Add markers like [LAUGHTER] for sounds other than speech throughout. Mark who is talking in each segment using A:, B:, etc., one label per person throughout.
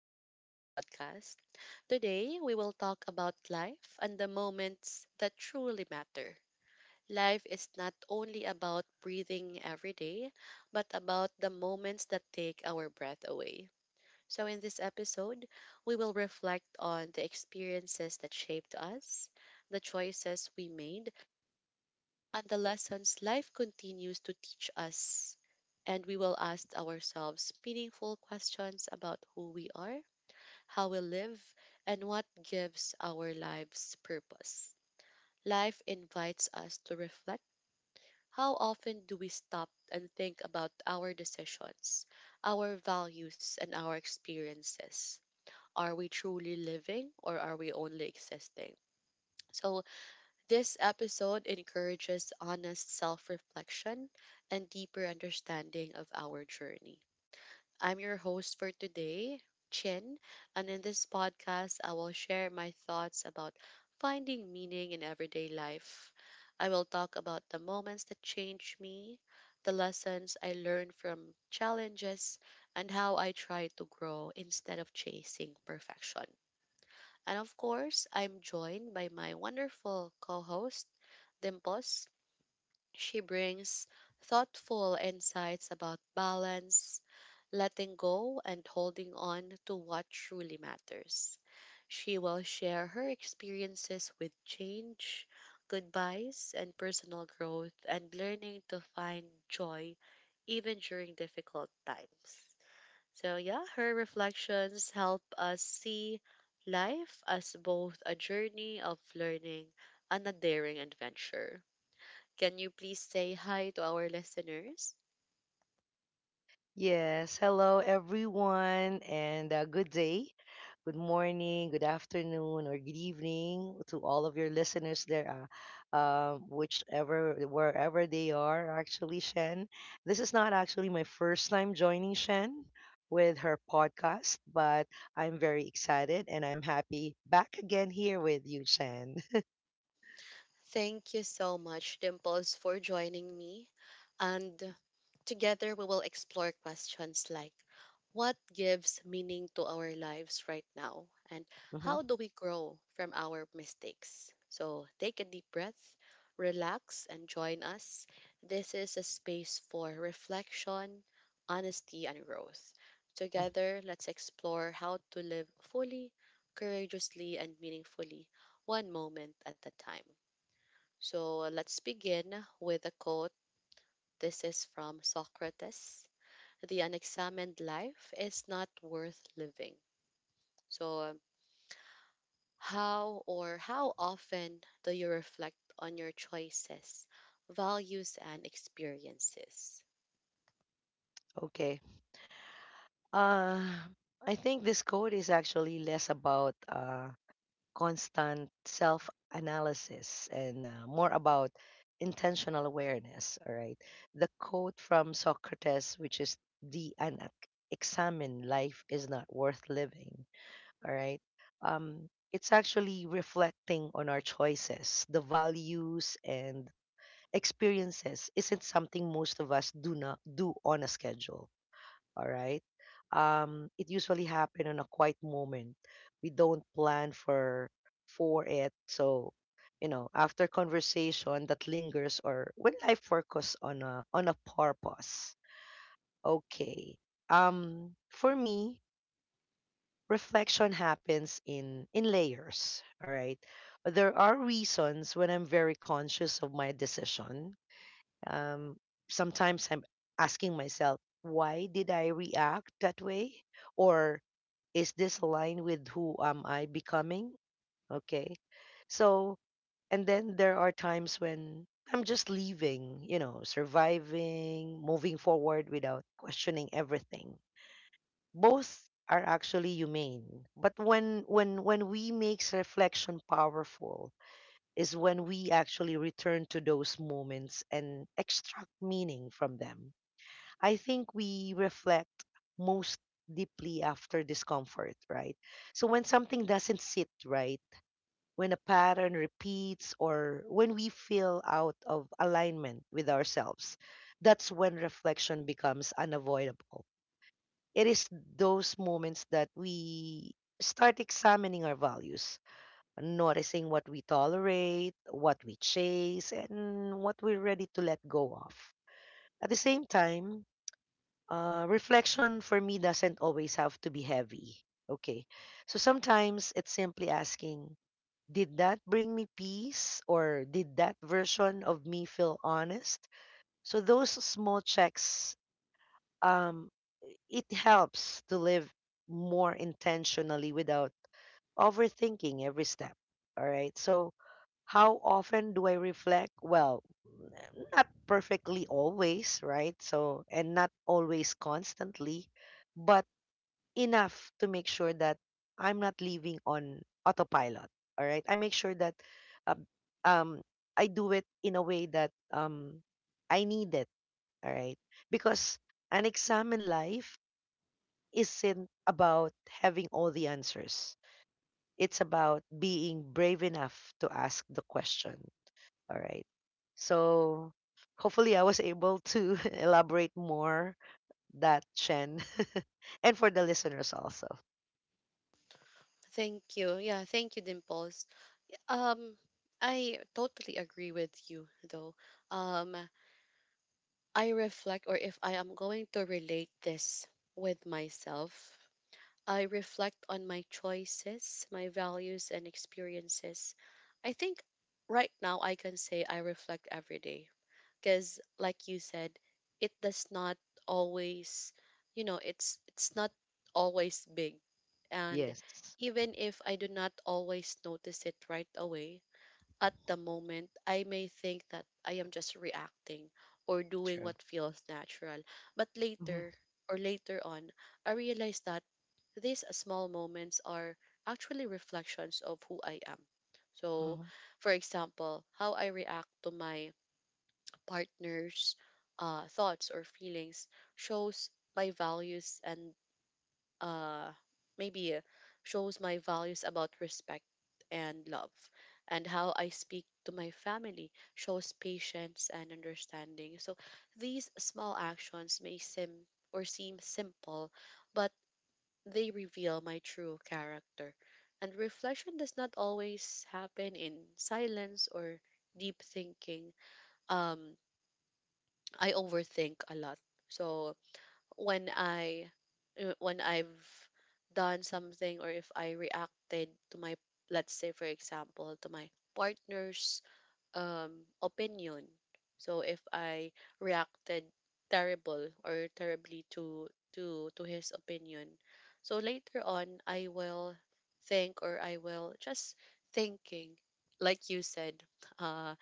A: to our podcast. Today, we will talk about life and the moments that truly matter. Life is not only about breathing every day, but about the moments that take our breath away. So, in this episode, we will reflect on the experiences that shaped us, the choices we made, and the lessons life continues to teach us, and we will ask ourselves meaningful questions about who we are, how we live, and what gives our lives purpose. Life invites us to reflect. How often do we stop and think about our decisions, our values, and our experiences? Are we truly living, or are we only existing? So, this episode encourages honest self reflection and deeper understanding of our journey. I'm your host for today, Chin, and in this podcast, I will share my thoughts about finding meaning in everyday life. I will talk about the moments that changed me, the lessons I learned from challenges, and how I try to grow instead of chasing perfection. And of course, I'm joined by my wonderful co host, Dimples. She brings thoughtful insights about balance, letting go, and holding on to what truly matters. She will share her experiences with change, goodbyes, and personal growth, and learning to find joy even during difficult times. So, yeah, her reflections help us see life as both a journey of learning and a daring adventure. Can you please say hi to our listeners?
B: Yes, hello everyone, and good day, good morning, good afternoon, or good evening to all of your listeners there, whichever, wherever they are, actually, Shen. This is not actually my first time joining Shen with her podcast, but I'm very excited and I'm happy back again here with you, Shen.
A: Thank you so much, Dimples, for joining me. And together we will explore questions like what gives meaning to our lives right now? And
B: [LAUGHS] Hmm.
A: how do we grow from our mistakes? So take a deep breath, relax, and join us. This is a space for reflection, honesty, and growth. Together, let's explore how to live fully, courageously, and meaningfully, one moment at a time. So let's begin with a quote. This is from Socrates. The unexamined life is not worth living. So, how or how often do you reflect on your choices, values, and experiences?
B: Okay. Uh, I think this code is actually less about constant self analysis and more about intentional awareness. All right. The quote from Socrates, which is the an examine life is not worth living. All right. It's actually reflecting on our choices, the values and experiences isn't something most of us do not do on a schedule. All right. It usually happen on a quiet moment we don't plan for it. So you know after conversation that lingers, or when life focus on a purpose. Okay. For me reflection happens in layers. All right. There are reasons when I'm very conscious of my decision. um, Sometimes I'm asking myself, why did I react that way? Or is this aligned with who am I becoming? Okay. So, and then there are times when I'm just leaving, you know, surviving, moving forward without questioning everything. Both are actually humane. But when we makes reflection powerful is when we actually return to those moments and extract meaning from them. I think we reflect most deeply after discomfort, right? So when something doesn't sit right, when a pattern repeats, or when we feel out of alignment with ourselves, that's when reflection becomes unavoidable. It is those moments that we start examining our values, noticing what we tolerate, what we chase, and what we're ready to let go of. At the same time, reflection for me doesn't always have to be heavy. Okay. So sometimes it's simply asking, did that bring me peace, or did that version of me feel honest? So those small checks, um, it helps to live more intentionally without overthinking every step. All right. So, how often do I reflect? Well, not perfectly always, right? So, and not always constantly, but enough to make sure that I'm not leaving on autopilot. All right. I make sure that uh, um, I do it in a way that I need it. All right. Because an exam in life isn't about having all the answers. It's about being brave enough to ask the question. All right. So hopefully I was able to [LAUGHS] elaborate more that Chen, [LAUGHS] and for the listeners also.
A: Thank you. Yeah, thank you, Dimples. Um, I totally agree with you, though. Um, I reflect, or if I am going to relate this with myself, I reflect on my choices, my values, and experiences. I think right now I can say I reflect every day because, like you said, it does not always, you know, it's not always big, and
B: Yes.
A: even if I do not always notice it right away, at the moment, I may think that I am just reacting or doing
B: True.
A: what feels natural. But later
B: Hmm.
A: or later on, I realize that these small moments are actually reflections of who I am. So,
B: Hmm.
A: for example, how I react to my partner's thoughts or feelings shows my values and uh, maybe shows my values about respect and love. And how I speak to my family shows patience and understanding. So these small actions may seem or seem simple, but they reveal my true character. And reflection does not always happen in silence or deep thinking. Um, I overthink a lot. So when I when I've done something or if I reacted to my, let's say for example, to my partner's opinion. So if I reacted terrible or terribly to to his opinion. So later on I will think, or I will just thinking, like you said, uh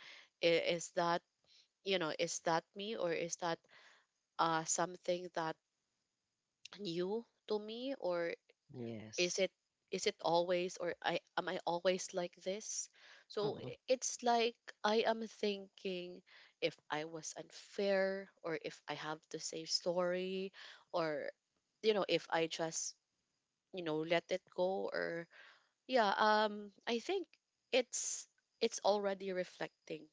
A: is that, you know, is that me, or is that something that new to me, or is
B: Yes.
A: it, is it always, or I am I always like this? So
B: Mm-hmm.
A: it's like I am thinking if I was unfair, or if I have to say sorry, or you know, if I just, you know, let it go, or yeah, I think it's it's already reflecting,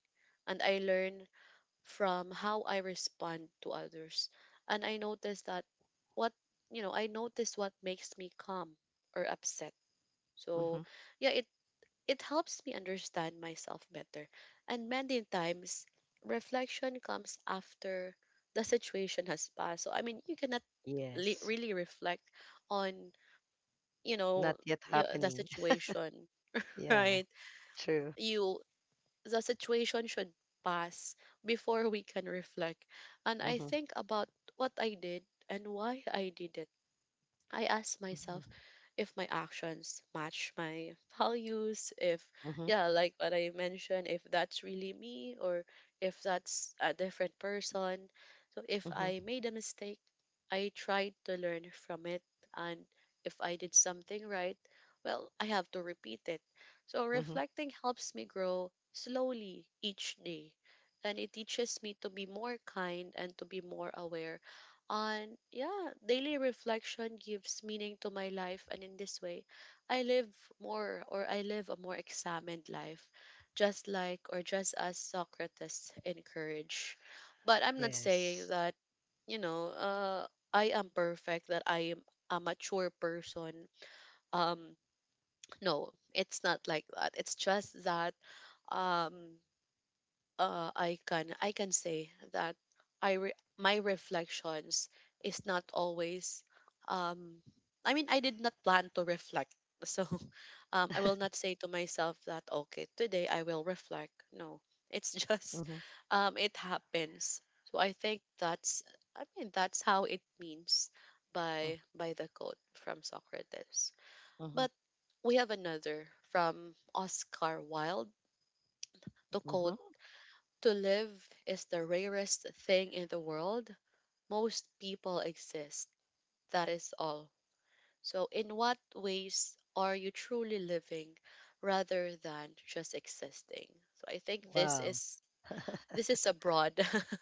A: and I learn from how I respond to others. And I noticed that what, you know, I notice what makes me calm or upset.
B: Hmm.
A: So, yeah, it helps me understand myself better. And many times, reflection comes after the situation has passed. So, I mean, you cannot
B: Yes.
A: really reflect on, you know,
B: Not yet
A: the
B: happening.
A: situation,
B: [LAUGHS]
A: [LAUGHS]
B: yeah.
A: right?
B: True.
A: You, the situation should pass before we can reflect. And I
B: Mm-hmm.
A: think about what I did and why I did it. I ask myself
B: Mm-hmm.
A: if my actions match my values, if,
B: Mm-hmm.
A: yeah, like what I mentioned, if that's really me or if that's a different person. So if I
B: Mm-hmm.
A: made a mistake, I tried to learn from it. And if I did something right, well, I have to repeat it. So
B: Hmm.
A: reflecting helps me grow slowly each day. And it teaches me to be more kind and to be more aware, and yeah, daily reflection gives meaning to my life, and in this way, I live more, or I live a more examined life, just like or just as Socrates encouraged. But I'm not saying
B: Yes.
A: that, you know, I am perfect, that I am a mature person. Um, no, it's not like that. It's just that um I can say that my reflections is not always um I mean I did not plan to reflect [LAUGHS] so I will
B: [LAUGHS]
A: not say to myself that okay today I will reflect. No, it's just
B: Mm-hmm.
A: [LAUGHS] it happens. So I think that's, I mean that's how it means by the quote from Socrates.
B: Mm-hmm.
A: But we have another from Oscar Wilde to
B: Mm-hmm.
A: quote: to live is the rarest thing in the world. Most people exist. That is all. So, in what ways are you truly living rather than just existing? So, I think
B: Wow.
A: this is a broad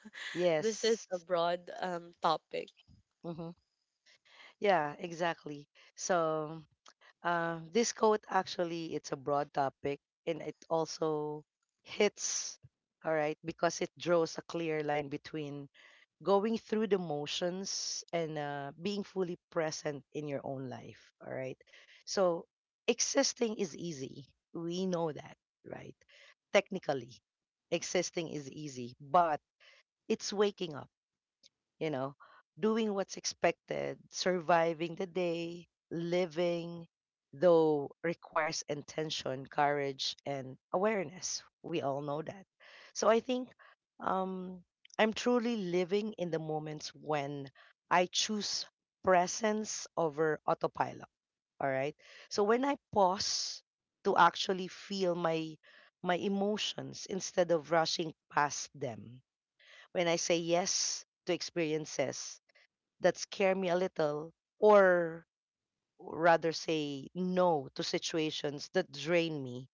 A: [LAUGHS] this is
B: Yes.
A: a broad topic.
B: Hmm. Yeah, exactly. So, this quote actually it's a broad topic, and it also hits, all right, because it draws a clear line between going through the motions and being fully present in your own life, all right? So, existing is easy. We know that, right? Technically, existing is easy, but it's waking up, you know, doing what's expected, surviving the day. Living, though, requires intention, courage, and awareness. We all know that. So I think um, I'm truly living in the moments when I choose presence over autopilot. All right. So when I pause to actually feel my emotions instead of rushing past them, when I say yes to experiences that scare me a little, or rather say no to situations that drain me,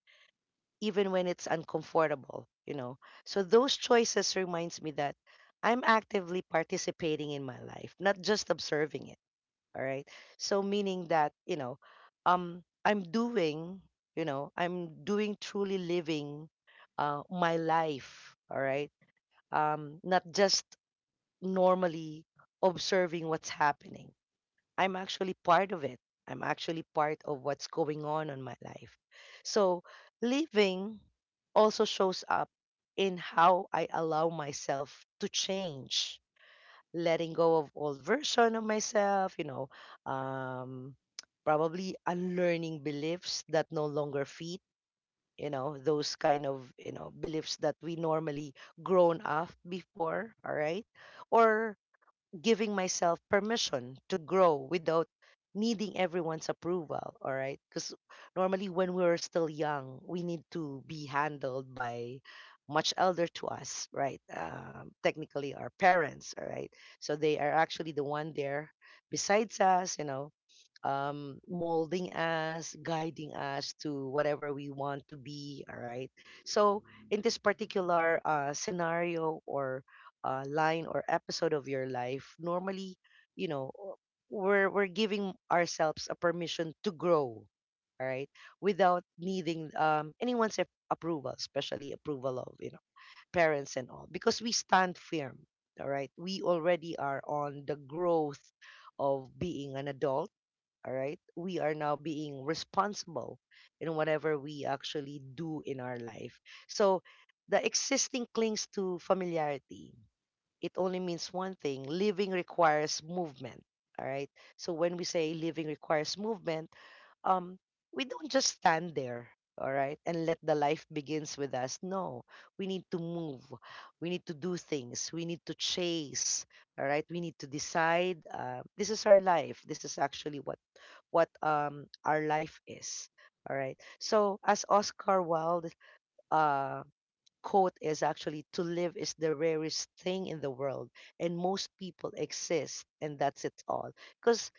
B: even when it's uncomfortable. So those choices reminds me that I'm actively participating in my life, not just observing it. All right. So meaning that, you know, um I'm doing, I'm doing truly living my life. All right. Not just normally observing what's happening. I'm actually part of it. I'm actually part of what's going on in my life. So living also shows up in how I allow myself to change, letting go of old version of myself, um, probably unlearning beliefs that no longer fit, those kind of, beliefs that we normally grown up before, all right? Or giving myself permission to grow without needing everyone's approval. All right, because normally when we're still young we need to be handled by much elder to us, right? Technically our parents. All right, so they are actually the one there besides us, molding us, guiding us to whatever we want to be. All right. So, in this particular scenario or line or episode of your life, normally, you know, we're giving ourselves a permission to grow. All right, without needing anyone's approval, especially approval of parents and all, because we stand firm. All right, we already are on the growth of being an adult. All right, we are now being responsible in whatever we actually do in our life. So the existing clings to familiarity. It only means one thing: living requires movement. All right. So when we say living requires movement, um we don't just stand there, all right, and let the life begins with us. No, we need to move, we need to do things, we need to chase. All right, we need to decide, this is our life, this is actually what our life is. All right. So as Oscar Wilde uh quote is actually, to live is the rarest thing in the world, and most people exist, and that's it all. Because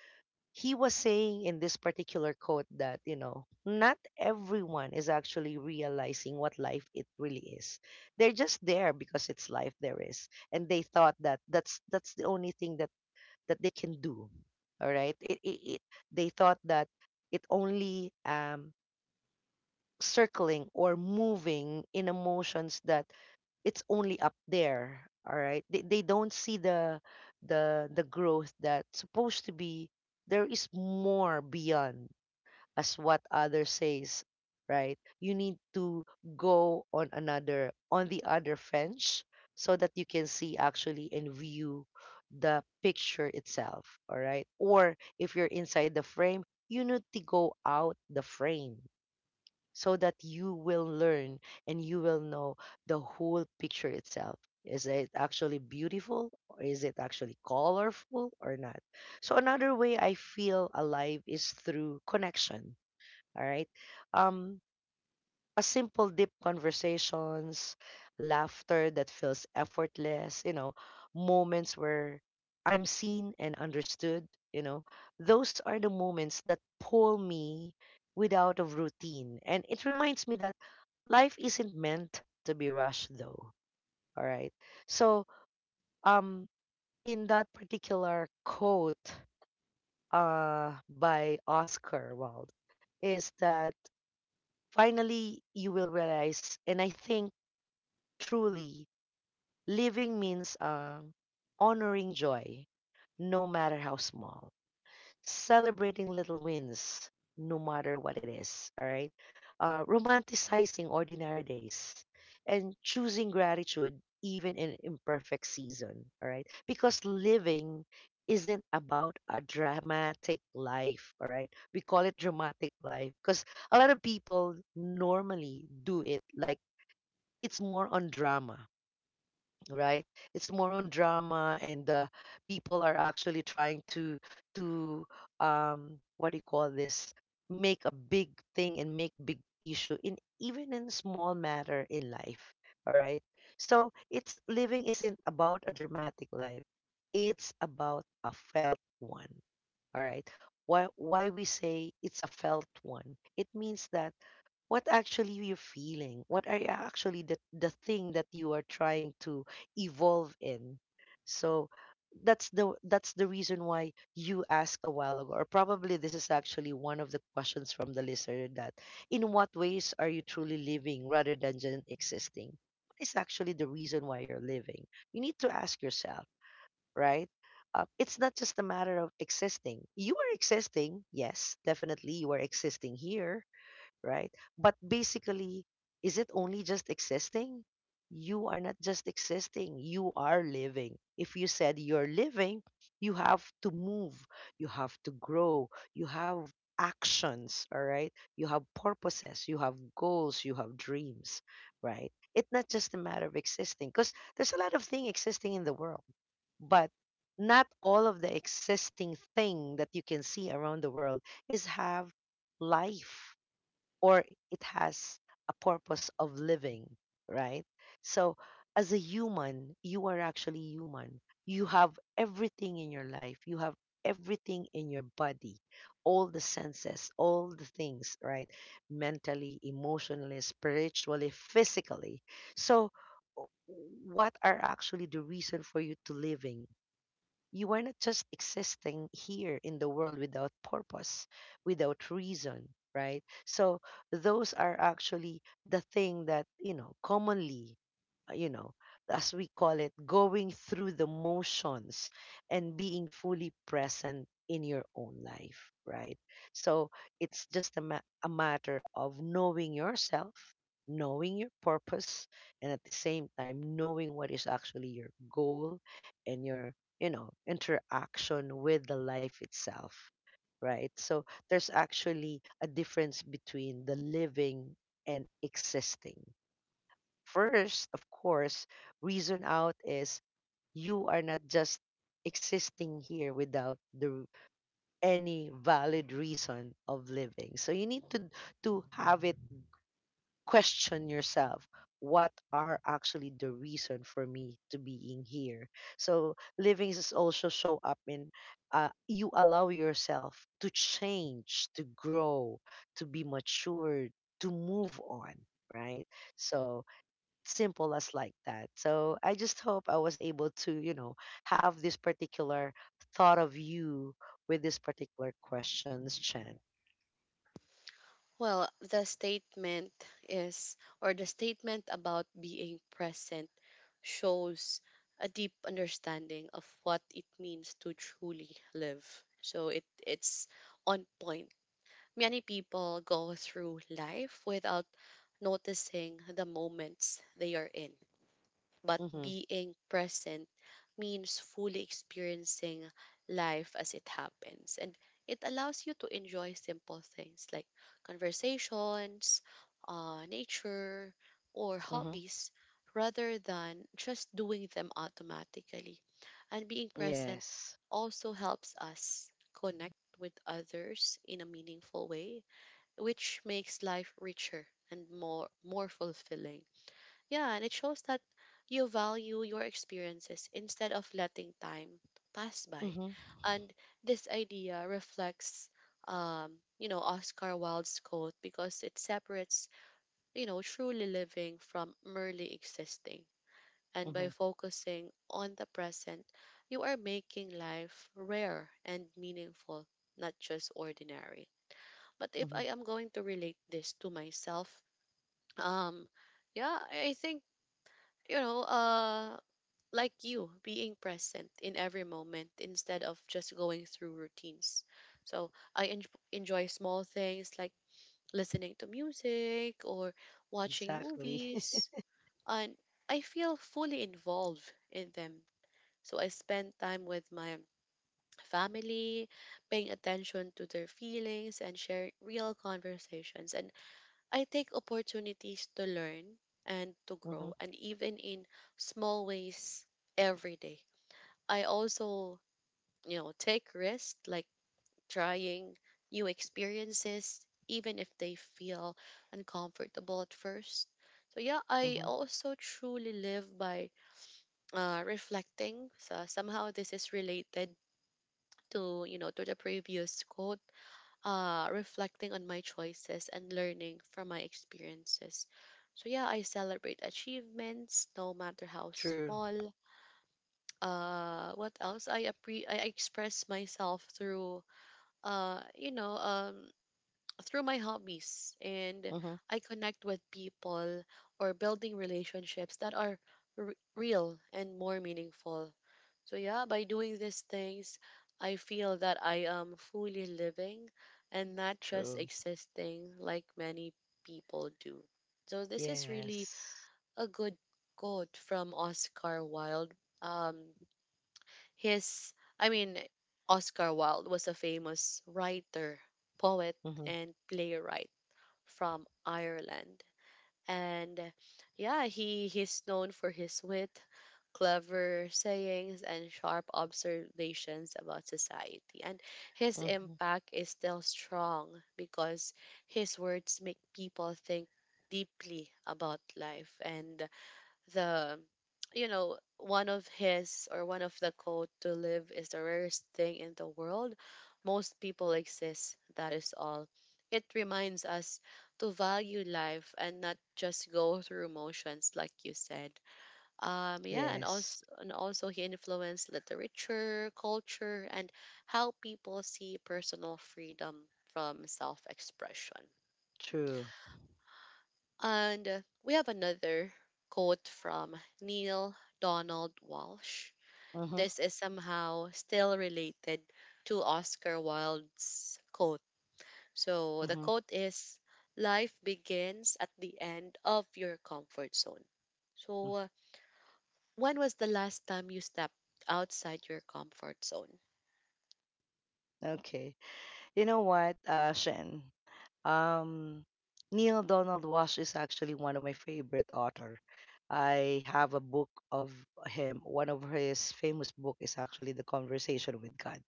B: he was saying in this particular quote that not everyone is actually realizing what life it really is. They're just there because it's life there is, and they thought that that's the only thing that they can do. All right. It they thought that it only circling or moving in emotions, that it's only up there. All right. They don't see the growth that's supposed to be there is more beyond, as what others says, right? You need to go on the other fence so that you can see actually and view the picture itself, all right? Or if you're inside the frame, you need to go out the frame so that you will learn and you will know the whole picture itself. Is it actually beautiful, or is it actually colorful or not? So another way I feel alive is through connection, all right. Um, a simple, deep conversations, laughter that feels effortless, moments where I'm seen and understood, you know, those are the moments that pull me without a routine. And it reminds me that life isn't meant to be rushed, though. All right. So, um, in that particular quote by Oscar Wilde, is that finally you will realize, and I think truly living means, honoring joy no matter how small, celebrating little wins, no matter what it is. All right. Romanticizing ordinary days and choosing gratitude even in imperfect season. All right. Because living isn't about a dramatic life. All right. We call it dramatic life because a lot of people normally do it like it's more on drama, right? It's more on drama, and people are actually trying to what do you call this, make a big thing and make big issue in even in small matter in life. All right, so it's living isn't about a dramatic life, it's about a felt one. All right, why we say it's a felt one, it means that what actually you're feeling, what are you actually, the thing that you are trying to evolve in. So that's the reason why you asked a while ago, or probably this is actually one of the questions from the listener, that in what ways are you truly living rather than just existing, what is actually the reason why you're living? You need to ask yourself, right? It's not just a matter of existing. You are existing, yes, definitely, you are existing here, right? But basically, is it only just existing? You are not just existing, you are living. If you said you're living, you have to move, you have to grow, you have actions, all right? You have purposes, you have goals, you have dreams, right? It's not just a matter of existing because there's a lot of things existing in the world, but not all of the existing thing that you can see around the world is have life or it has a purpose of living, right? So, as a human, you are actually human. You have everything in your life, you have everything in your body, all the senses, all the things, right? Mentally, emotionally, spiritually, physically. So, w- what are actually the reason for you to living? You are not just existing here in the world without purpose, without reason, right? So those are actually the thing that, commonly, uh, you know, as we call it, going through the motions and being fully present in your own life, right? So it's just a matter of knowing yourself, knowing your purpose, and at the same time, knowing what is actually your goal and your interaction with the life itself, right? So there's actually a difference between the living and existing. First of course, reason out is, you are not just existing here without the any valid reason of living, so you need to have it. Question yourself, what are actually the reason for me to being here? So living is also show up in, you allow yourself to change, to grow, to be matured, to move on, right? So simple as like that. So I just hope I was able to, have this particular thought of you with this particular questions, Chen.
A: Well, the statement is, or the statement about being present shows a deep understanding of what it means to truly live. So it it's on point. Many people go through life without noticing the moments they are in, but
B: Mm-hmm.
A: being present means fully experiencing life as it happens. And it allows you to enjoy simple things like conversations, nature, or
B: Mm-hmm.
A: hobbies rather than just doing them automatically. And being present
B: Yes.
A: also helps us connect with others in a meaningful way, which makes life richer and more fulfilling. Yeah, and it shows that you value your experiences instead of letting time pass by.
B: Mm-hmm.
A: And this idea reflects, you know, Oscar Wilde's quote because it separates, you know, truly living from merely existing. And
B: Mm-hmm.
A: by focusing on the present, you are making life rare and meaningful, not just ordinary. But if
B: Mm-hmm.
A: I am going to relate this to myself, um, yeah, I think, you know, like you, being present in every moment instead of just going through routines. So enjoy small things like listening to music or watching
B: Exactly. [LAUGHS]
A: movies, and I feel fully involved in them. So I spend time with my family, paying attention to their feelings and sharing real conversations. And I take opportunities to learn and to
B: Mm-hmm.
A: grow, and even in small ways every day. I also, you know, take risks like trying new experiences, even if they feel uncomfortable at first. So yeah, I
B: Mm-hmm.
A: also truly live by reflecting. So somehow this is related to, you know, to the previous quote, reflecting on my choices and learning from my experiences. So yeah, I celebrate achievements, no matter how
B: True.
A: small. What else? I express myself through uh, you know, um, through my hobbies, and
B: Mm-hmm.
A: I connect with people, or building relationships that are real and more meaningful. So yeah, by doing these things, I feel that I am fully living and not just
B: True.
A: existing like many people do. So this is really
B: Yes.
A: a good quote from Oscar Wilde. Um, his I mean Oscar Wilde was a famous writer, poet,
B: Mm-hmm.
A: and playwright from Ireland. And yeah, he he's known for his wit, clever sayings, and sharp observations about society. And his
B: Mm-hmm.
A: impact is still strong because his words make people think deeply about life, and the, you know, one of his, or one of the quote, to live is the rarest thing in the world, most people exist, that is all. It reminds us to value life and not just go through motions, like you said. Yeah, and
B: Yes.
A: also, and also he influenced literature, culture, and how people see personal freedom from self-expression.
B: True.
A: And we have another quote from Neil Donald Walsh.
B: Mm-hmm.
A: This is somehow still related to Oscar Wilde's quote. So the
B: Mm-hmm.
A: quote is: Life begins at the end of your comfort zone. So,
B: Mm-hmm.
A: when was the last time you stepped outside your comfort zone?
B: Okay. You know what, Shen? Um, Neil Donald Walsh is actually one of my favorite author. I have a book of him. One of his famous book is actually The Conversation with God.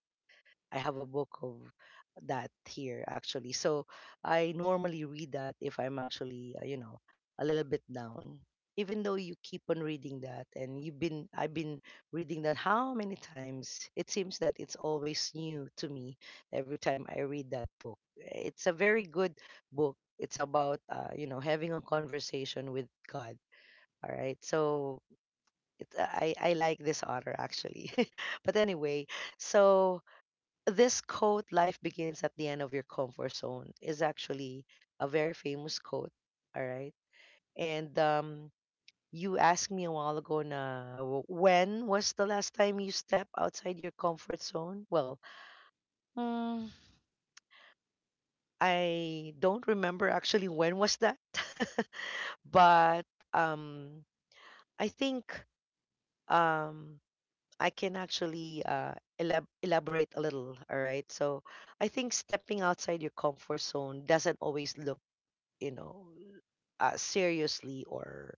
B: I have a book of that here actually. So I normally read that if I'm actually, a little bit down. Even though you keep on reading that and you've been I've been reading that how many times? It seems that it's always new to me every time I read that book. It's a very good book. It's about having a conversation with God. All right. So I like this author actually. [LAUGHS] But anyway, so this quote, life begins at the end of your comfort zone, is actually a very famous quote. All right. And you asked me a while ago na when was the last time you stepped outside your comfort zone? Well, mm, I don't remember actually when was that. [LAUGHS] But um, I think, um, I can actually elaborate a little. All right. So I think stepping outside your comfort zone doesn't always look, you know, seriously or,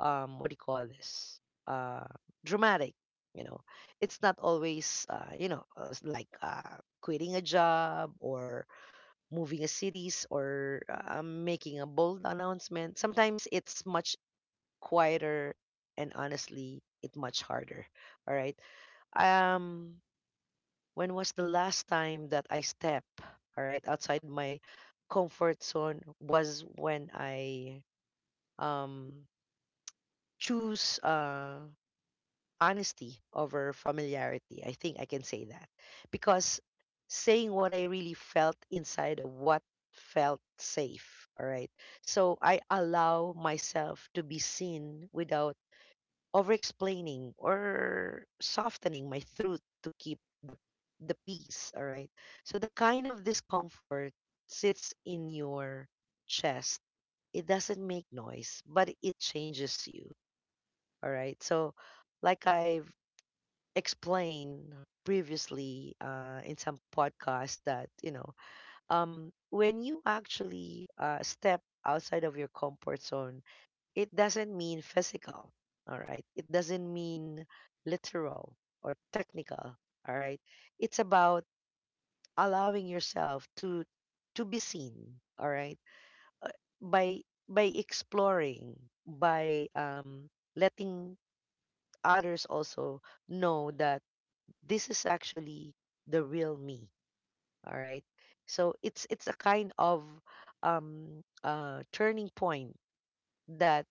B: what do you call this? Uh, Dramatic. You know, it's not always like quitting a job or moving a cities or, making a bold announcement. Sometimes it's much quieter and honestly, it much harder. All right. Um, when was the last time that I step, all right, outside my comfort zone was when I, um, choose, honesty over familiarity. I think I can say that because saying what I really felt inside of what felt safe. All right. So I allow myself to be seen without over explaining or softening my truth to keep the peace. All right. So the kind of discomfort sits in your chest. It doesn't make noise, but it changes you. All right. So, like I've explained previously in some podcast, that when you actually step outside of your comfort zone, it doesn't mean physical. All right. It doesn't mean literal or technical. All right. It's about allowing yourself to be seen. All right. Uh, by by exploring, by, letting others also know that this is actually the real me. All right. So it's a kind of turning point that,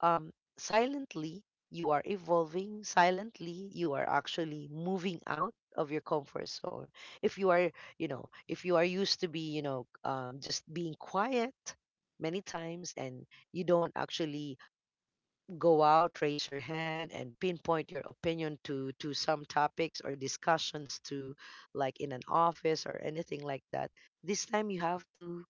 B: um silently you are evolving, silently you are actually moving out of your comfort zone. If you are, if you are used to be, just being quiet many times and you don't actually go out, raise your hand, and pinpoint your opinion to some topics or discussions to, like in an office or anything like that. This time you have to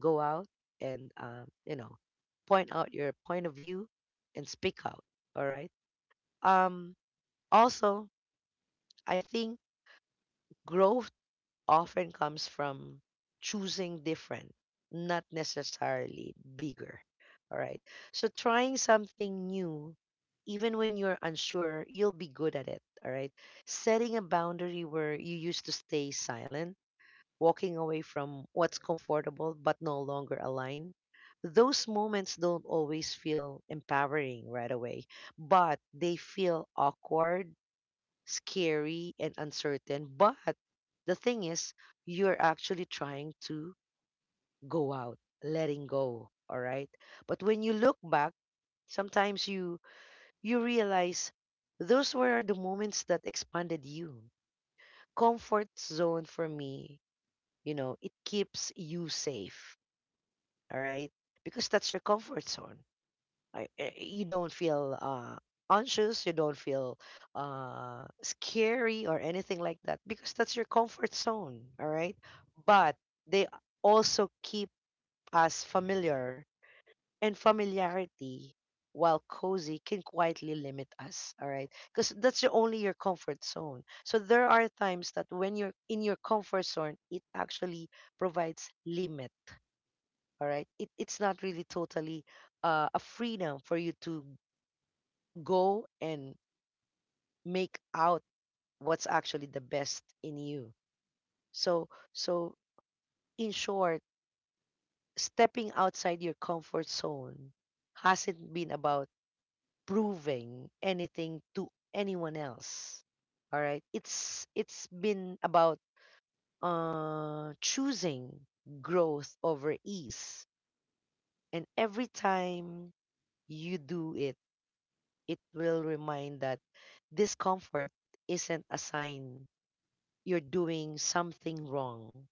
B: go out and, point out your point of view and speak out. All right. Um, Also, I think growth often comes from choosing different, not necessarily bigger. All right. So trying something new, even when you're unsure, you'll be good at it. All right. Setting a boundary where you used to stay silent, walking away from what's comfortable but no longer aligned. Those moments don't always feel empowering right away, but they feel awkward, scary and uncertain. But the thing is, you're actually trying to go out, letting go. All right. But when you look back, sometimes you realize those were the moments that expanded you. Comfort zone for me, you know, it keeps you safe. All right. Because that's your comfort zone. You don't feel, anxious, you don't feel, scary or anything like that, because that's your comfort zone, all right? But they also keep us familiar, and familiarity, while cozy, can quietly limit us, all right? Because that's your, only your comfort zone. So there are times that when you're in your comfort zone, it actually provides limit. All right, it's not really totally, a freedom for you to go and make out what's actually the best in you. So, so, in short, stepping outside your comfort zone hasn't been about proving anything to anyone else. All right? It's been about, choosing growth over ease. And every time you do it, it will remind that discomfort isn't a sign you're doing something wrong,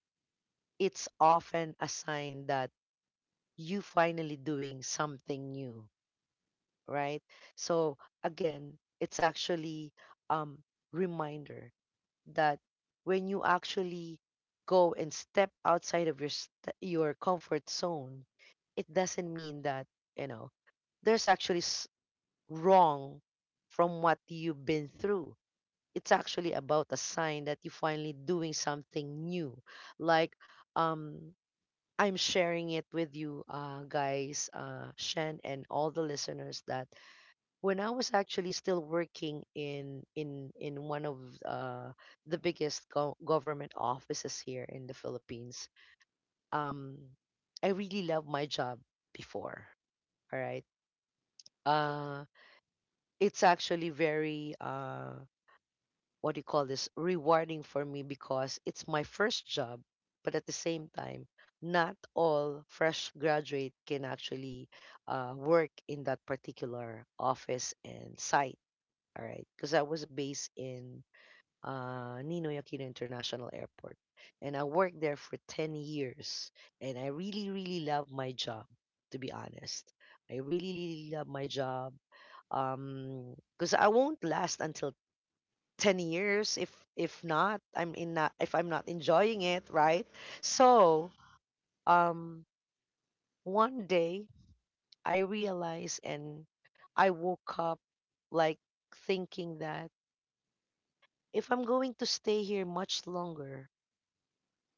B: it's often a sign that you finally doing something new, right? So again, it's actually, um reminder that when you actually go and step outside of your your comfort zone, it doesn't mean that, you know, there's actually wrong from what you've been through. It's actually about a sign that you're finally doing something new. Like, um I'm sharing it with you, guys, Shen and all the listeners, that when I was actually still working in one of, uh the biggest government offices here in the Philippines, um I really loved my job before. All right. uh it's actually very, what do you call this, rewarding for me, because it's my first job. But at the same time, not all fresh graduate can actually, work in that particular office and site. All right, because I was based in, Ninoy Aquino International Airport, and I worked there for 10 years. And I really really love my job, to be honest. I really really love my job. Because I won't last until 10 years if not if I'm not enjoying it, right? So, um one day I realized, and I woke up, like, thinking that if I'm going to stay here much longer,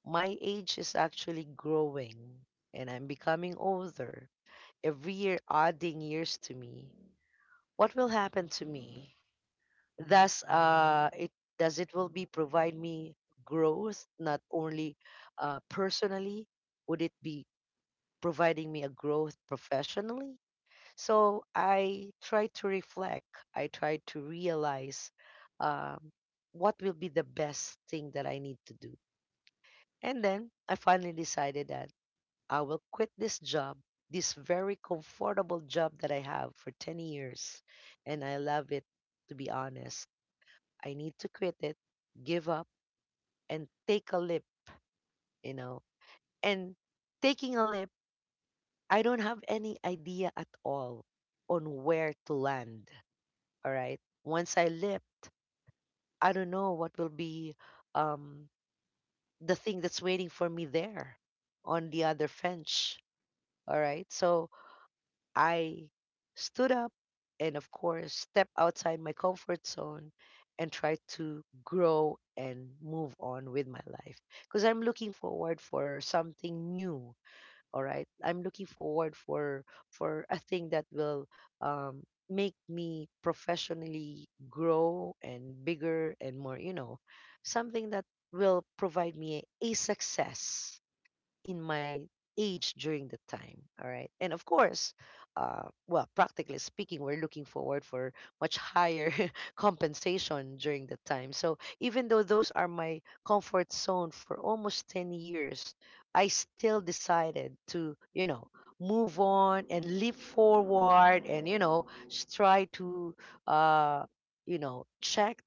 B: my age is actually growing and I'm becoming older, every year adding years to me. What will happen to me? Thus, it does, it will be provide me growth not only, personally? Would it be providing me a growth professionally? So I try to reflect, I try to realize, um what will be the best thing that I need to do. And then I finally decided that I will quit this job, this very comfortable job that I have for 10 years, and I love it, to be honest. I need to quit it, give up, and take a leap, you know. And taking a leap, I don't have any idea at all on where to land. All right. Once I leapt, I don't know what will be, um, the thing that's waiting for me there on the other fence. All right. So I stood up and, of course, step outside my comfort zone and try to grow and move on with my life, because I'm looking forward for something new. All right, I'm looking forward for a thing that will, um, make me professionally grow and bigger and more. You know, something that will provide me a success in my age during the time, all right? And of course, well, practically speaking, we're looking forward for much higher [LAUGHS] compensation during the time. So even though those are my comfort zone for almost 10 years, I still decided to, you know, move on and leap forward and, you know, try to, uh check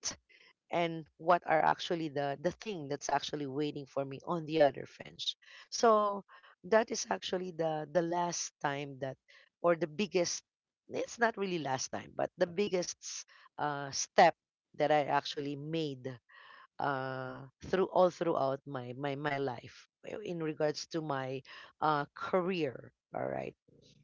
B: and what are actually the thing that's actually waiting for me on the other fence. So that is actually the last time that, or the biggest, it's not really last time, but the biggest step that I actually made, through all throughout my life, in regards to my, career. All right,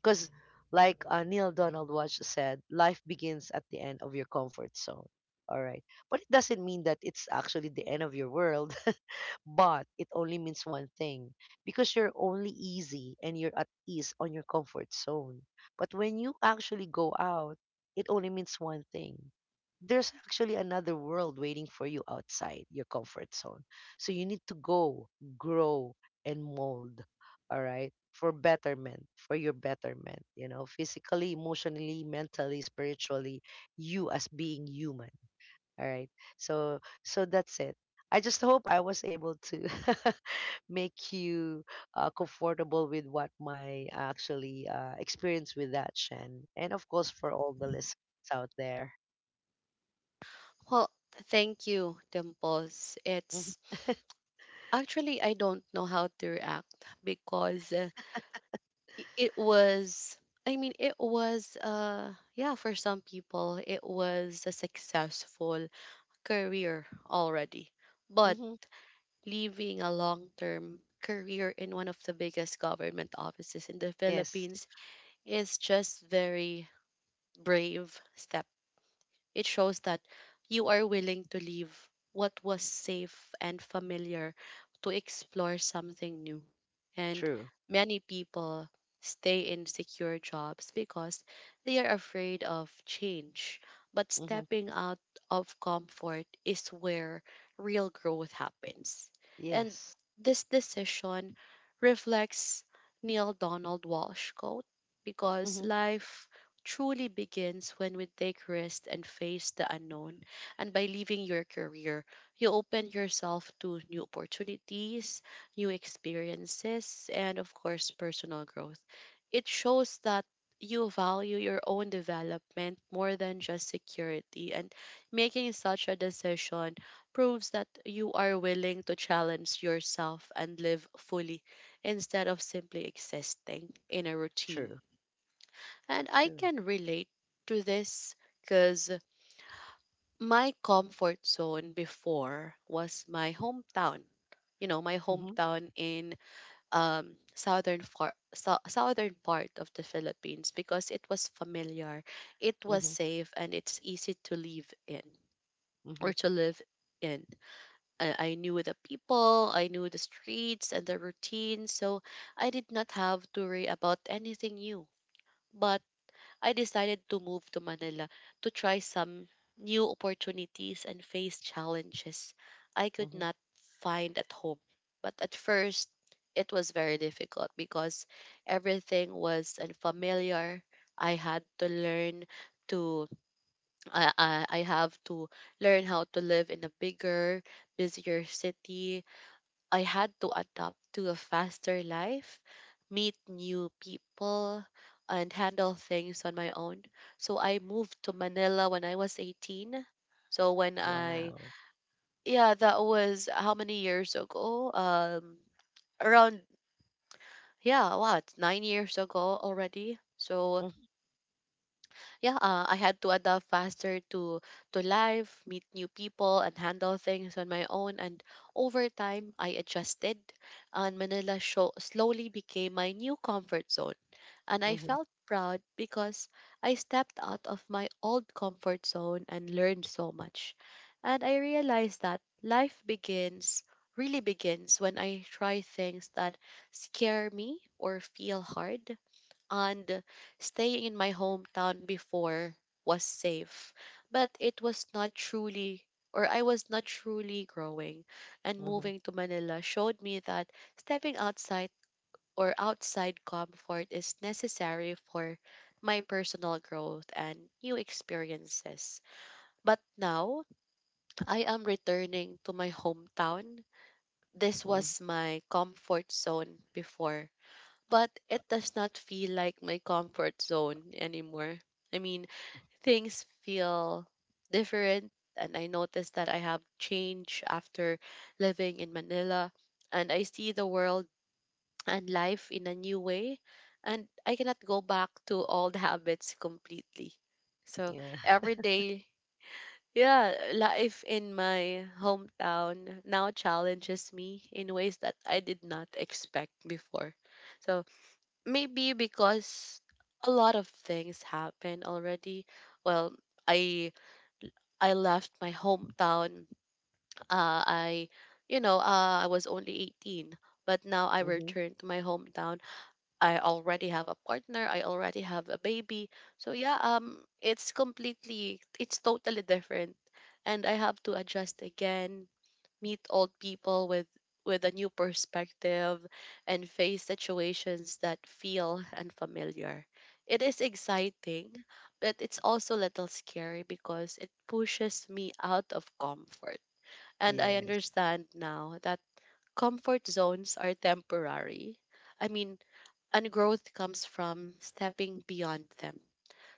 B: because like, Neil Donald Walsh said, life begins at the end of your comfort zone. All right, but it doesn't mean that it's actually the end of your world. [LAUGHS] But it only means one thing, because you're only easy and you're at ease on your comfort zone. But when you actually go out, it only means one thing. There's actually another world waiting for you outside your comfort zone. So you need to go, grow, and mold. All right. For betterment, for your betterment, you know, physically, emotionally, mentally, spiritually, you as being human. All right. So that's it. I just hope I was able to [LAUGHS] make you comfortable with what my actually experience with that Shen, and of course for all the listeners out there.
A: Well, thank you, Dimples.
B: Mhm.
A: It's
B: [LAUGHS] hmm
A: actually, I don't know how to react because I- it was I mean it was yeah, for some people it was a successful career already. But
B: Mm-hmm.
A: leaving a long-term career in one of the biggest government offices in the
B: Yes,
A: Philippines is just very brave step. It shows that you are willing to leave what was safe and familiar to explore something new. And
B: true.
A: many people stay in secure jobs because they are afraid of change. But
B: hmm
A: stepping out of comfort is where real growth happens. And
B: Yes.
A: this decision reflects Neil Donald Walsh quote because
B: hmm
A: life truly begins when we take risks and face the unknown. And by leaving your career, you open yourself to new opportunities, new experiences, and of course, personal growth. It shows that you value your own development more than just security. And making such a decision proves that you are willing to challenge yourself and live fully instead of simply existing in a routine.
B: True.
A: And I
B: True.
A: can relate to this because my comfort zone before was my hometown. You know, my
B: hmm
A: hometown in southern far, southern part of the Philippines because it was familiar, it was
B: hmm
A: safe, and it's easy to live in or
B: hmm
A: to live in. I knew the people, I knew the streets and the routine, so I did not have to worry about anything new. But I decided to move to Manila to try some new opportunities and face challenges I could
B: hmm
A: not find at home. But at first, it was very difficult because everything was unfamiliar. I had to learn to I have to learn how to live in a bigger, busier city. I had to adapt to a faster life, meet new people, and handle things on my own. So I moved to Manila when I was 18. So
B: Wow.
A: yeah, that was how many years ago? Around, yeah, what, 9 years ago already? So
B: hmm
A: yeah, I had to adapt faster to life, meet new people, and handle things on my own. And over time, I adjusted, and Manila show slowly became my new comfort zone. And I
B: hmm
A: felt proud because I stepped out of my old comfort zone and learned so much. And I realized that life begins really begins when I try things that scare me or feel hard, and staying in my hometown before was safe but it was not truly or I was not truly growing, and
B: hmm
A: moving to Manila showed me that stepping outside or outside comfort is necessary for my personal growth and new experiences. But now I am returning to my hometown. This
B: hmm
A: was my comfort zone before, but it does not feel like my comfort zone anymore. I mean, things feel different, and I noticed that I have changed after living in Manila, and I see the world and life in a new way, and I cannot go back to old [LAUGHS] habits completely. So
B: Yeah.
A: every day, yeah, life in my hometown now challenges me in ways that I did not expect before. So maybe because a lot of things happened already. Well, I I left my hometown. I you know I was only 18, but now I
B: hmm
A: returned to my hometown. I already have a partner. I already have a baby. So yeah, it's totally different, and I have to adjust again, meet old people with a new perspective and face situations that feel unfamiliar. It is exciting, but it's also a little scary because it pushes me out of comfort. And I
B: Yes.
A: understand now that comfort zones are temporary. I mean, and growth comes from stepping beyond them.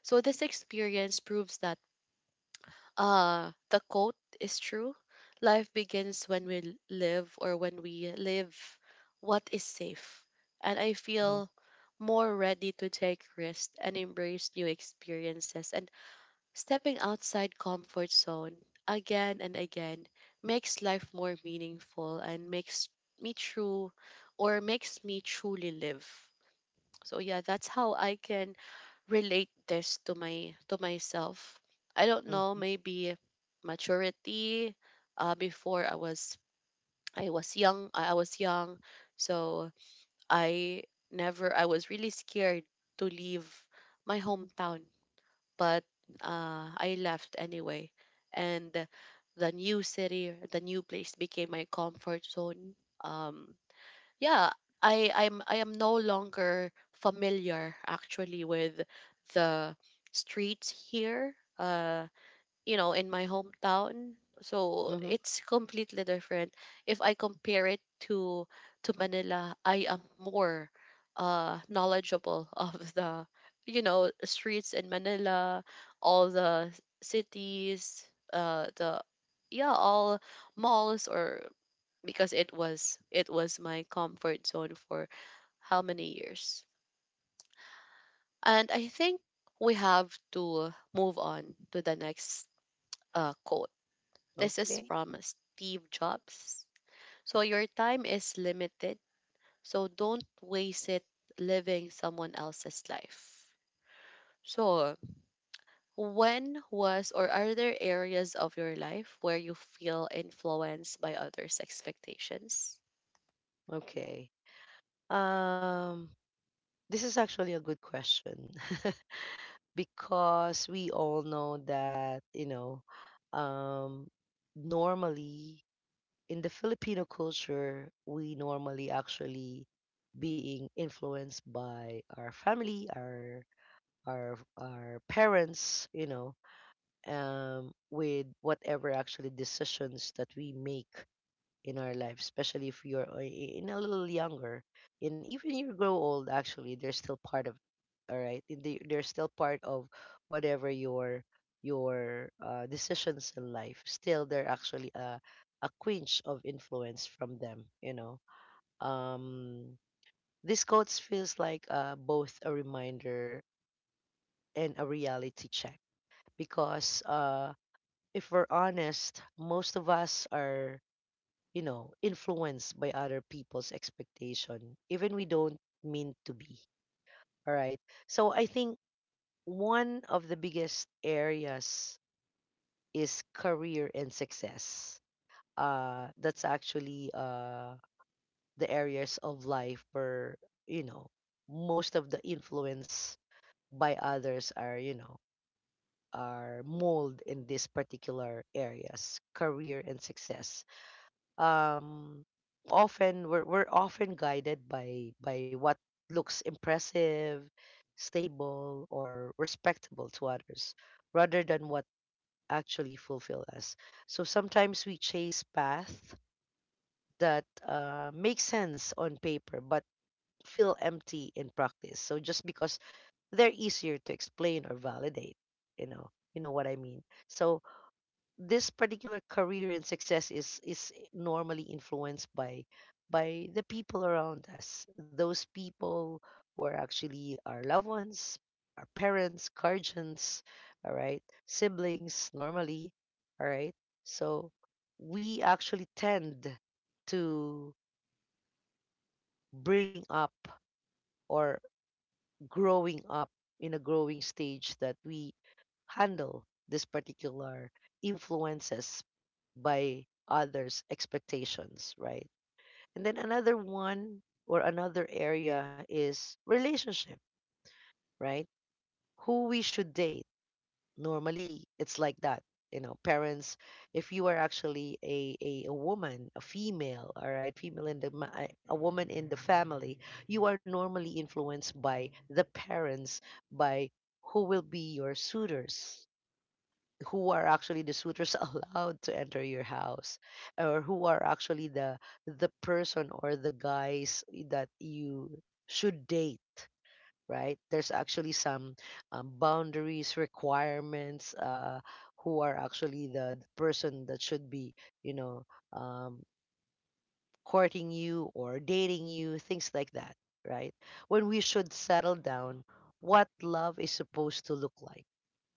A: So this experience proves that the quote is true. Life begins when we live or when we live what is safe. And I
B: hmm
A: feel more ready to take risks and embrace new experiences, and stepping outside comfort zone again and again makes life more meaningful and makes me true or makes me truly live. So yeah, that's how I can relate this to myself. I don't know,
B: hmm
A: maybe maturity. Before I was young. I was young, so I never. I was really scared to leave my hometown, but I left anyway, and the new city, the new place became my comfort zone. Um, yeah, I am no longer familiar actually with the streets here, you know, in my hometown. So
B: hmm
A: it's completely different. If I compare it to to Manila, I am more knowledgeable [LAUGHS] of the, you know, streets in Manila, all the cities, the yeah, all malls or because it was my comfort zone for how many years. And I think we have to move on to the next quote. This is
B: Okay.
A: from Steve Jobs. So your time is limited, so don't waste it living someone else's life. So, when was or are there areas of your life where you feel influenced by others' expectations?
B: Okay. Um, this is actually a good question. [LAUGHS] Because we all know that, you know, um, normally in the Filipino culture, we normally actually being influenced by our family, our parents, you know, with whatever actually decisions that we make in our life, especially if you're in a little younger, and even you grow old, actually, they're still part of. All right, they're still part of whatever your decisions in life. Still, they're actually a quench of influence from them. You know, um, this quotes feels like both a reminder and a reality check because if we're honest, most of us are, you know, influenced by other people's expectation, even we don't mean to be. All right. So I think one of the biggest areas is career and success. That's actually the areas of life where, you know, most of the influence by others are, you know, are mold in these particular areas, career and success. um Often we're often guided by what looks impressive, stable, or respectable to others, rather than what actually fulfill us. So sometimes we chase path that make sense on paper, but feel empty in practice. So just because they're easier to explain or validate, you know what I mean. So this particular career and success is normally influenced by the people around us, those people who are actually our loved ones, our parents, guardians, all right, siblings normally. All right. So we actually tend to bring up or growing up in a growing stage that we handle this particular influences by others expectations, right? And then another one or another area is relationship, right? Who we should date, normally it's like that, you know. Parents, if you are actually a, woman, a female, all right, female in the a woman in the family, you are normally influenced by the parents, by who will be your suitors, who are actually the suitors [LAUGHS] allowed to enter your house, or who are actually the person or the guys that you should date, right? There's actually some boundaries, requirements, who are actually the person that should be, you know, um, courting you or dating you, things like that, right? When we should settle down, what love is supposed to look like.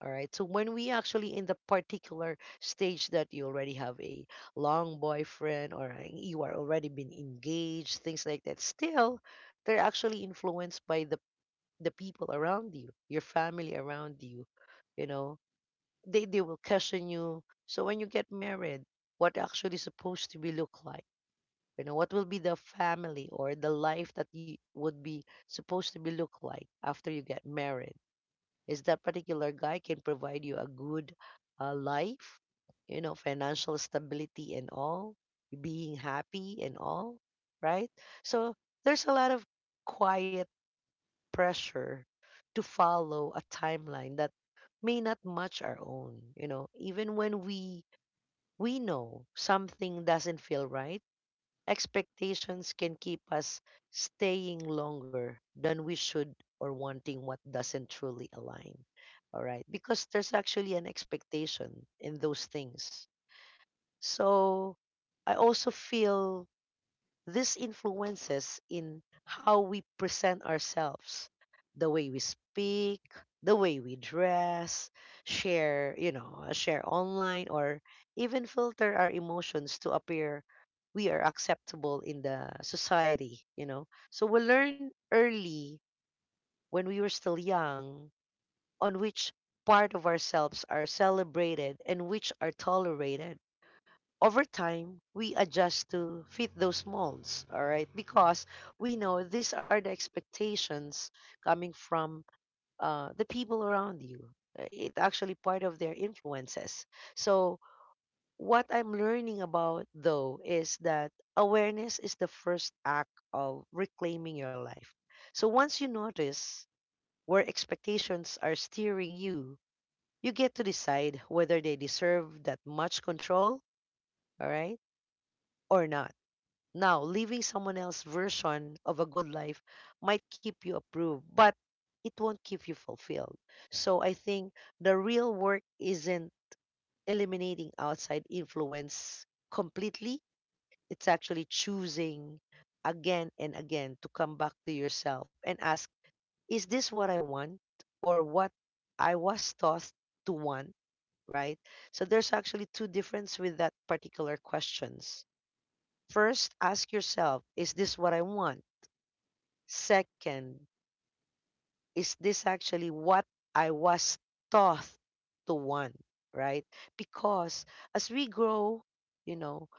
B: All right. So when we actually in the particular stage that you already have a long boyfriend or you are already been engaged, things like that, still they're actually influenced by the people around you, your family around you, you know, they will question you. So when you get married, what actually supposed to be look like? You know, what will be the family or the life that you would be supposed to be look like after you get married? Is that particular guy can provide you a good life, you know, financial stability and all, being happy and all, right? So there's a lot of quiet pressure to follow a timeline that may not match our own, you know, even when we know something doesn't feel right, expectations can keep us staying longer than we should or wanting what doesn't truly align. All right, because there's actually an expectation in those things. So I also feel this influences in how we present ourselves, the way we speak, the way we dress, share, you know, share online, or even filter our emotions to appear we are acceptable in the society, you know. So we learn early when we were still young on which part of ourselves are celebrated and which are tolerated. Over time, we adjust to fit those molds, all right? Because we know these are the expectations coming from the people around you. It actually part of their influences. So what I'm learning about though is that awareness is the first act of reclaiming your life. So once you notice where expectations are steering you, you get to decide whether they deserve that much control, all right, or not. Now, living someone else's version of a good life might keep you approved, but it won't keep you fulfilled. So I think the real work isn't eliminating outside influence completely. It's actually choosing again and again to come back to yourself and ask, is this what I want or what I was taught to want, right? So there's actually two difference with that particular questions. First, ask yourself, is this what I want? Second, is this actually what I was taught to want, right? Because as we grow, you know,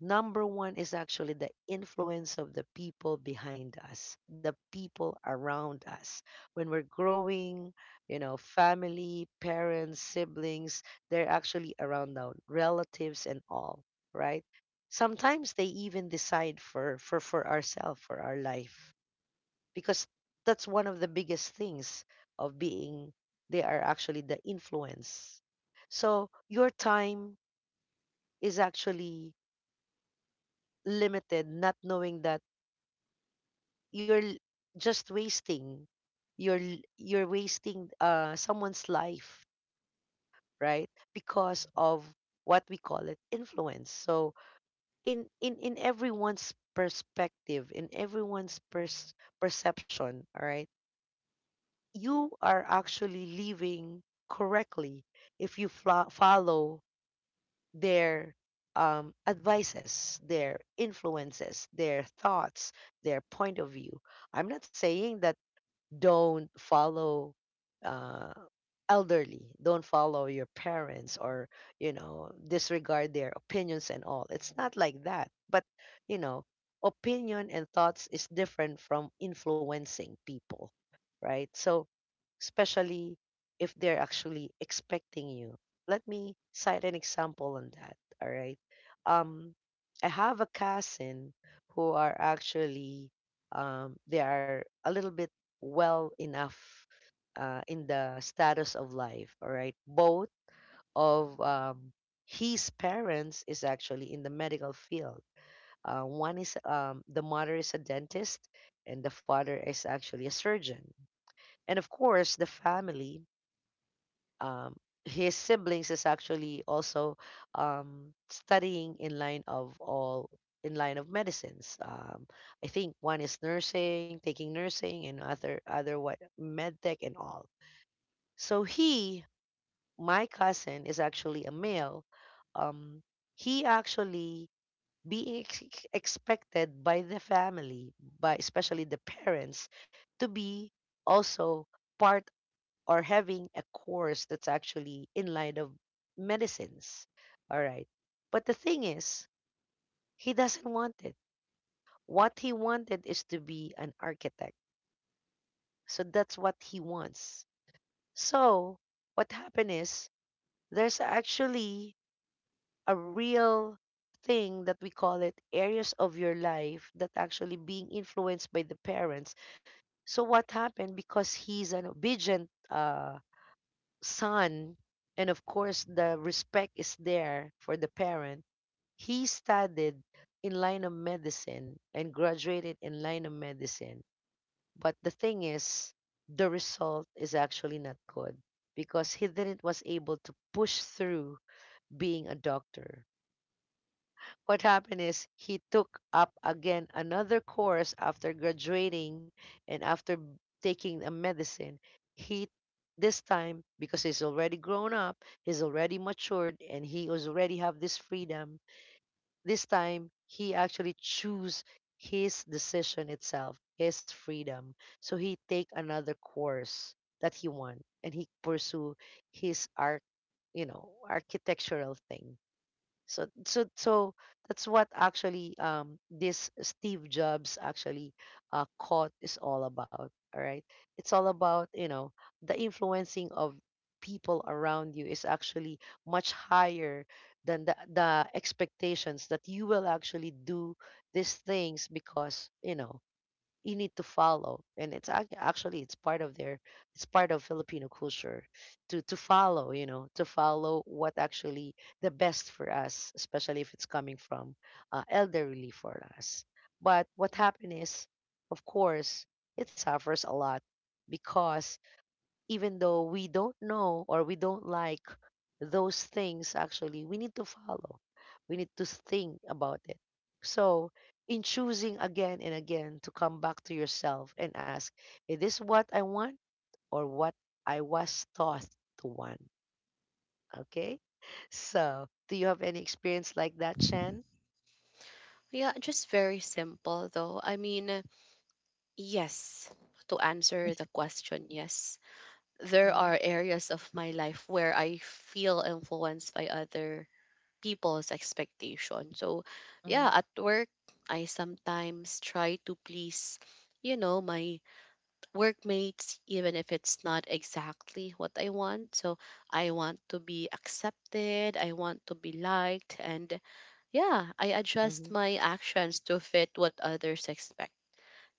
B: number one is actually the influence of the people behind us, the people around us. When we're growing, you know, family, parents, siblings, they're actually around now, relatives and all, right? Sometimes they even decide for ourselves, for our life, because that's one of the biggest things of being they are actually the influence. So your time is actually limited, not knowing that you're l- just wasting, you're wasting someone's life, right? Because of what we call it influence. So in everyone's perspective, in perception. All right. You are actually living correctly if you fla follow their advices, their influences, their thoughts, their point of view. I'm not saying that don't follow uh, elderly, don't follow your parents, or you know disregard their opinions and all. It's not like that, but you know opinion and thoughts is different from influencing people, right? So especially if they're actually expecting you. Let me cite an example on that. All right. Um, I have a cousin who are actually they are a little bit well enough in the status of life. All right. Both of his parents is actually in the medical field. One is the mother is a dentist and the father is actually a surgeon. And of course, the family, um, his siblings is actually also studying in line of all, in line of medicines. I think one is nursing, taking nursing, and other what med tech and all. So he, my cousin, is actually a male. Um, he actually being expected by the family, by especially the parents, to be also part or having a course that's actually in line of medicines. All right. But the thing is, he doesn't want it. What he wanted is to be an architect. So that's what he wants. So what happened is there's actually a real thing that we call it areas of your life that actually being influenced by the parents. So what happened because he's an obedient son, and of course the respect is there for the parent, he studied in line of medicine and graduated in line of medicine. But the thing is, the result is actually not good because he didn't was able to push through being a doctor. What happened is he took up again another course after graduating and after taking a medicine. He, this time because he's already grown up, he's already matured and he was already have this freedom. This time he actually choose his decision itself, his freedom. So he take another course that he want and he pursue his art, you know, architectural thing. So that's what actually this Steve Jobs actually caught is all about, all right. It's all about, you know, the influencing of people around you is actually much higher than the expectations that you will actually do these things because you know you need to follow and it's actually it's part of their, it's part of Filipino culture to follow, you know, to follow what actually the best for us, especially if it's coming from elderly for us. But what happened is, of course, it suffers a lot because even though we don't know or we don't like those things, actually we need to follow. We need to think about it. So, in choosing again and again to come back to yourself and ask, is this what I want or what I was taught to want? Okay? So, do you have any experience like that, Shan?
A: Yeah, just very simple though. I mean, yes, to answer the question, yes. There
B: Mm-hmm.
A: are areas of my life where I feel influenced by other people's expectation. So,
B: Mm-hmm.
A: yeah, at work, I sometimes try to please my workmates, even if it's not exactly what I want. So, I want to be accepted, I want to be liked, and yeah, I
B: Mm-hmm.
A: adjust my actions to fit what others expect.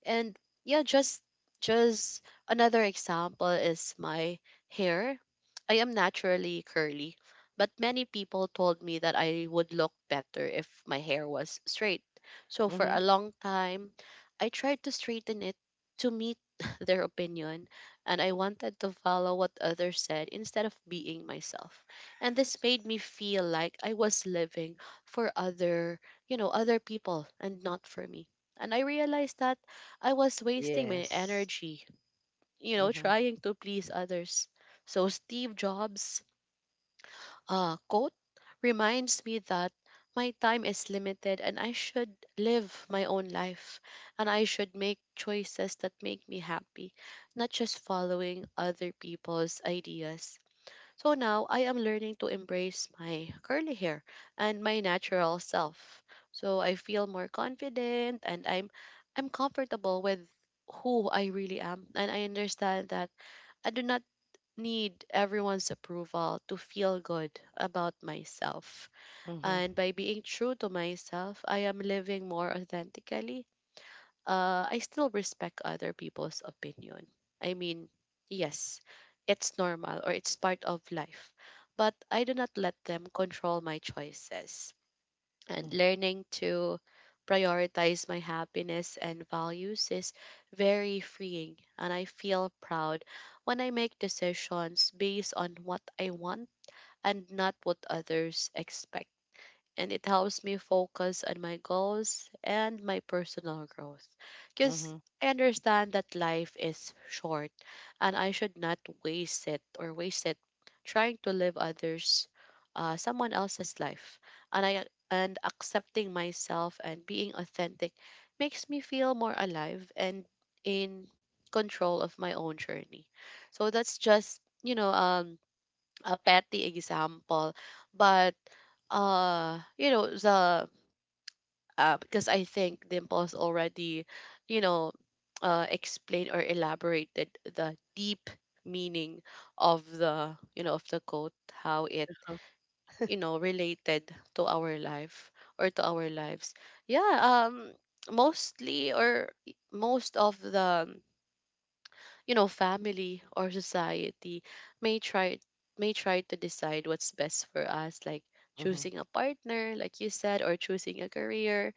A: And yeah, just another example is my hair. I am naturally curly, but many people told me that I would look better if my hair was straight. So for
B: Mm-hmm.
A: a long time, I tried to straighten it to meet [LAUGHS] their opinion, and I wanted to follow what others said instead of being myself. And this made me feel like I was living for you know, other people and not for me. And I realized that I was wasting my
B: Yes.
A: energy, you know,
B: Mm-hmm.
A: trying to please others. So Steve Jobs' quote reminds me that my time is limited and I should live my own life, and I should make choices that make me happy, not just following other people's ideas. So now I am learning to embrace my curly hair and my natural self. So I feel more confident and I'm comfortable with who I really am, and I understand that I do not need everyone's approval to feel good about myself.
B: Mm-hmm.
A: And by being true to myself, I am living more authentically. Uh, I still respect other people's opinion. I mean, yes, it's normal or it's part of life, but I do not let them control my choices.
B: Mm-hmm.
A: And learning to prioritize my happiness and values is very freeing, and I feel proud when I make decisions based on what I want and not what others expect, and it helps me focus on my goals and my personal growth. Because
B: Mm-hmm.
A: I understand that life is short and I should not waste it or waste it trying to live others someone else's life. And I and accepting myself and being authentic makes me feel more alive and in control of my own journey. So that's just, you know, a petty example, but you know the because I think Dimples already, you know, explained or elaborated the deep meaning of the quote, how it related to our life or to our lives. Yeah. Um. Mostly or most of the you know, family or society may try may try to decide what's best for us, like choosing a partner, like you said, or choosing a career.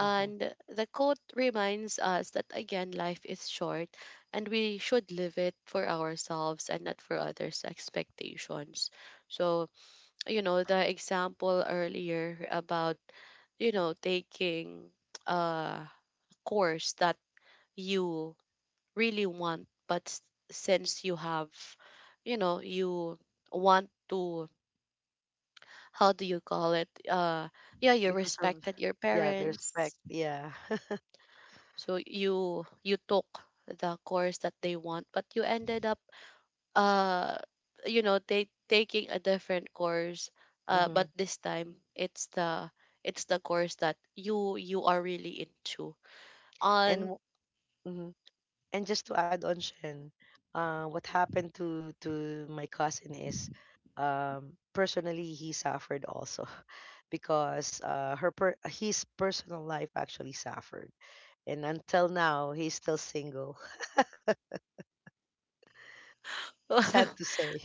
B: Mm-hmm.
A: the quote reminds us that again, life is short and we should live it for ourselves and not for others' expectations. So, you know, the example earlier about, you know, taking a course that you really want but since you have you know you want to how do you call it yeah you
B: Because of,
A: respected your
B: yeah, the respect.
A: parents,
B: Yeah. [LAUGHS]
A: so you took the course that they want but you ended up uh you know they taking a different course,
B: Mm-hmm.
A: but this time it's the course that you are really into
B: And
A: and
B: w- mhm. And just to add on, Shen, what happened to my cousin is, personally he suffered also, [LAUGHS] because his personal life actually suffered, and until now he's still single. [LAUGHS] Sad to
A: [LAUGHS]
B: say.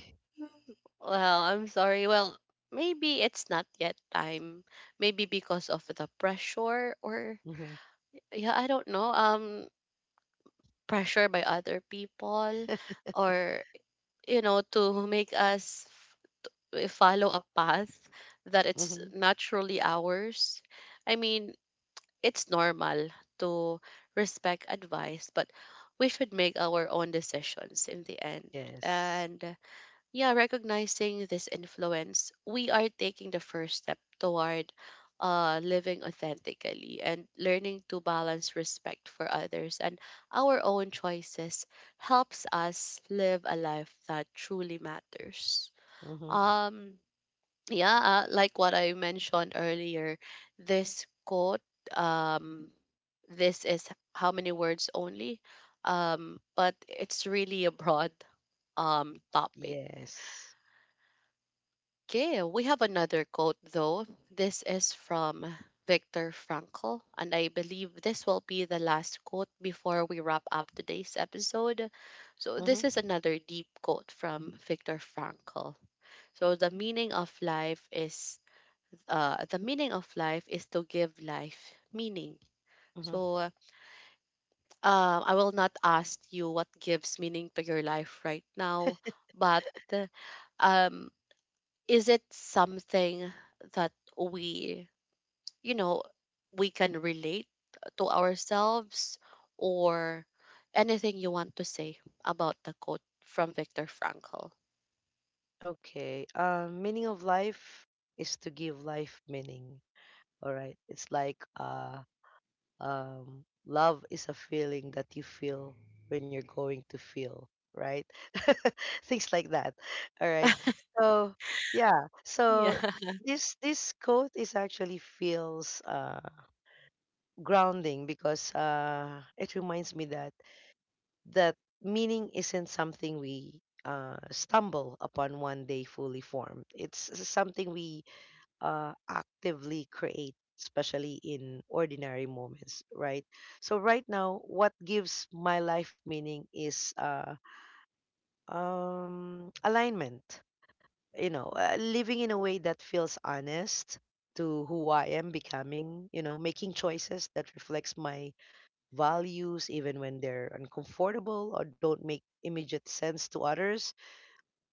A: well, I'm sorry. Well, maybe it's not yet time. Maybe because of the pressure or
B: Mm-hmm.
A: yeah, I don't know. Pressure by other people or you know to make us follow a path that it's
B: Mm-hmm.
A: naturally ours. I mean, it's normal to respect advice, but we should make our own decisions in the end.
B: Yes.
A: And yeah, recognizing this influence, we are taking the first step toward living authentically, and learning to balance respect for others and our own choices helps us live a life that truly matters.
B: Mm-hmm.
A: Um, yeah, like what I mentioned earlier, this quote, um, this is how many words only, but it's really a broad topic.
B: Yes.
A: Okay, we have another quote though. This is from Viktor Frankl, and I believe this will be the last quote before we wrap up today's episode. So,
B: Mm-hmm.
A: this is another deep quote from Viktor Frankl. So, the meaning of life is to give life meaning.
B: Mm-hmm.
A: So, I will not ask you what gives meaning to your life right now, but um, is it something that we, you know, we can relate to ourselves or anything you want to say about the quote from Viktor Frankl.
B: Okay. Meaning of life is to give life meaning. All right. It's like love is a feeling that you feel when you're going to feel, right? [LAUGHS] Things like that. All right. So yeah. So
A: Yeah. [LAUGHS]
B: this quote is actually feels grounding because it reminds me that meaning isn't something we stumble upon one day fully formed. It's something we actively create, especially in ordinary moments, right? So right now, what gives my life meaning is alignment. You know, living in a way that feels honest to who I am becoming. You know, making choices that reflects my values, even when they're uncomfortable or don't make immediate sense to others.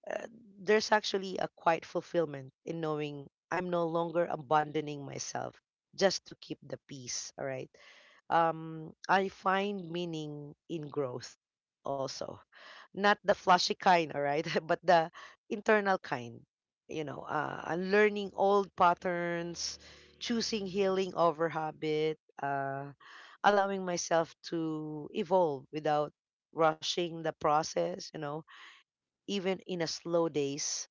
B: uh, there's actually a quiet fulfillment in knowing I'm no longer abandoning myself just to keep the peace. All right. I find meaning in growth also, not the flashy kind. All right, [LAUGHS] but the internal kind. You know, unlearning old patterns, choosing healing over habit, allowing myself to evolve without rushing the process. You know, even in a slow days,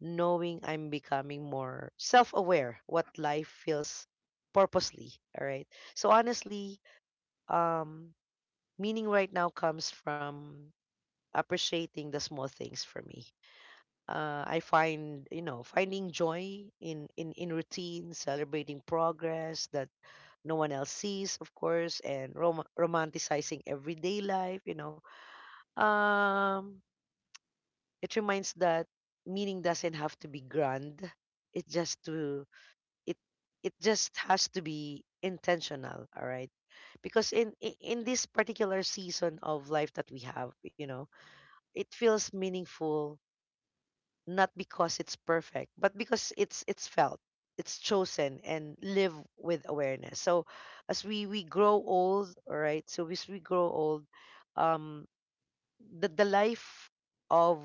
B: knowing I'm becoming more self-aware what life feels purposely. All right. So honestly, um, meaning right now comes from appreciating the small things for me. I find, you know, finding joy in routine, celebrating progress that no one else sees, of course, and romanticizing everyday life, you know. Um, it reminds that meaning doesn't have to be grand. It's just to it it just has to be intentional, all right? Because in this particular season of life that we have, you know, it feels meaningful not because it's perfect but because it's felt, it's chosen and live with awareness. So as we grow old, all right, so as we grow old, um the life of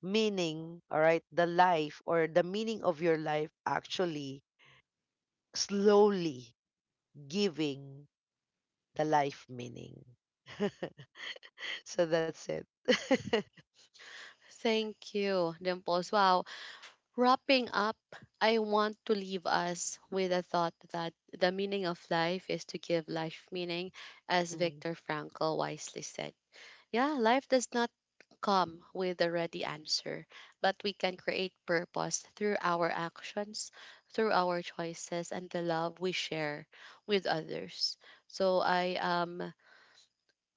B: meaning, all right, the life or the meaning of your life actually slowly giving the life meaning. [LAUGHS] So that's it.
A: Thank you, Dimples. Wow. Wrapping up, I want to leave us with a thought that the meaning of life is to give life meaning, as
B: Mm-hmm.
A: Viktor Frankl wisely said. Yeah, life does not come with a ready answer, but we can create purpose through our actions, through our choices, and the love we share with others. So I am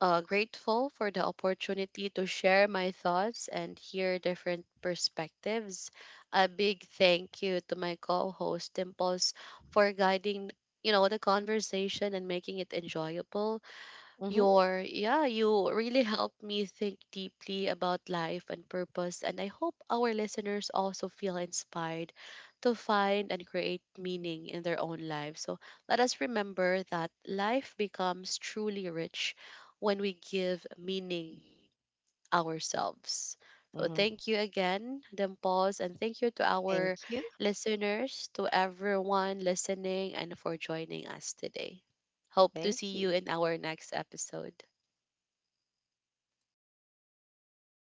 A: grateful for the opportunity to share my thoughts and hear different perspectives. A big thank you to my co-host Dimples for guiding, you know, the conversation and making it enjoyable. Your Yeah, you really helped me think deeply about life and purpose, and I hope our listeners also feel inspired to find and create meaning in their own lives. So let us remember that life becomes truly rich when we give meaning ourselves. So
B: Mm-hmm.
A: thank you again, Dimples, and thank you to
B: Thank
A: our
B: you.
A: listeners, to everyone listening, and for joining us today. Hope to see
B: Thank
A: you
B: you.
A: in our next episode.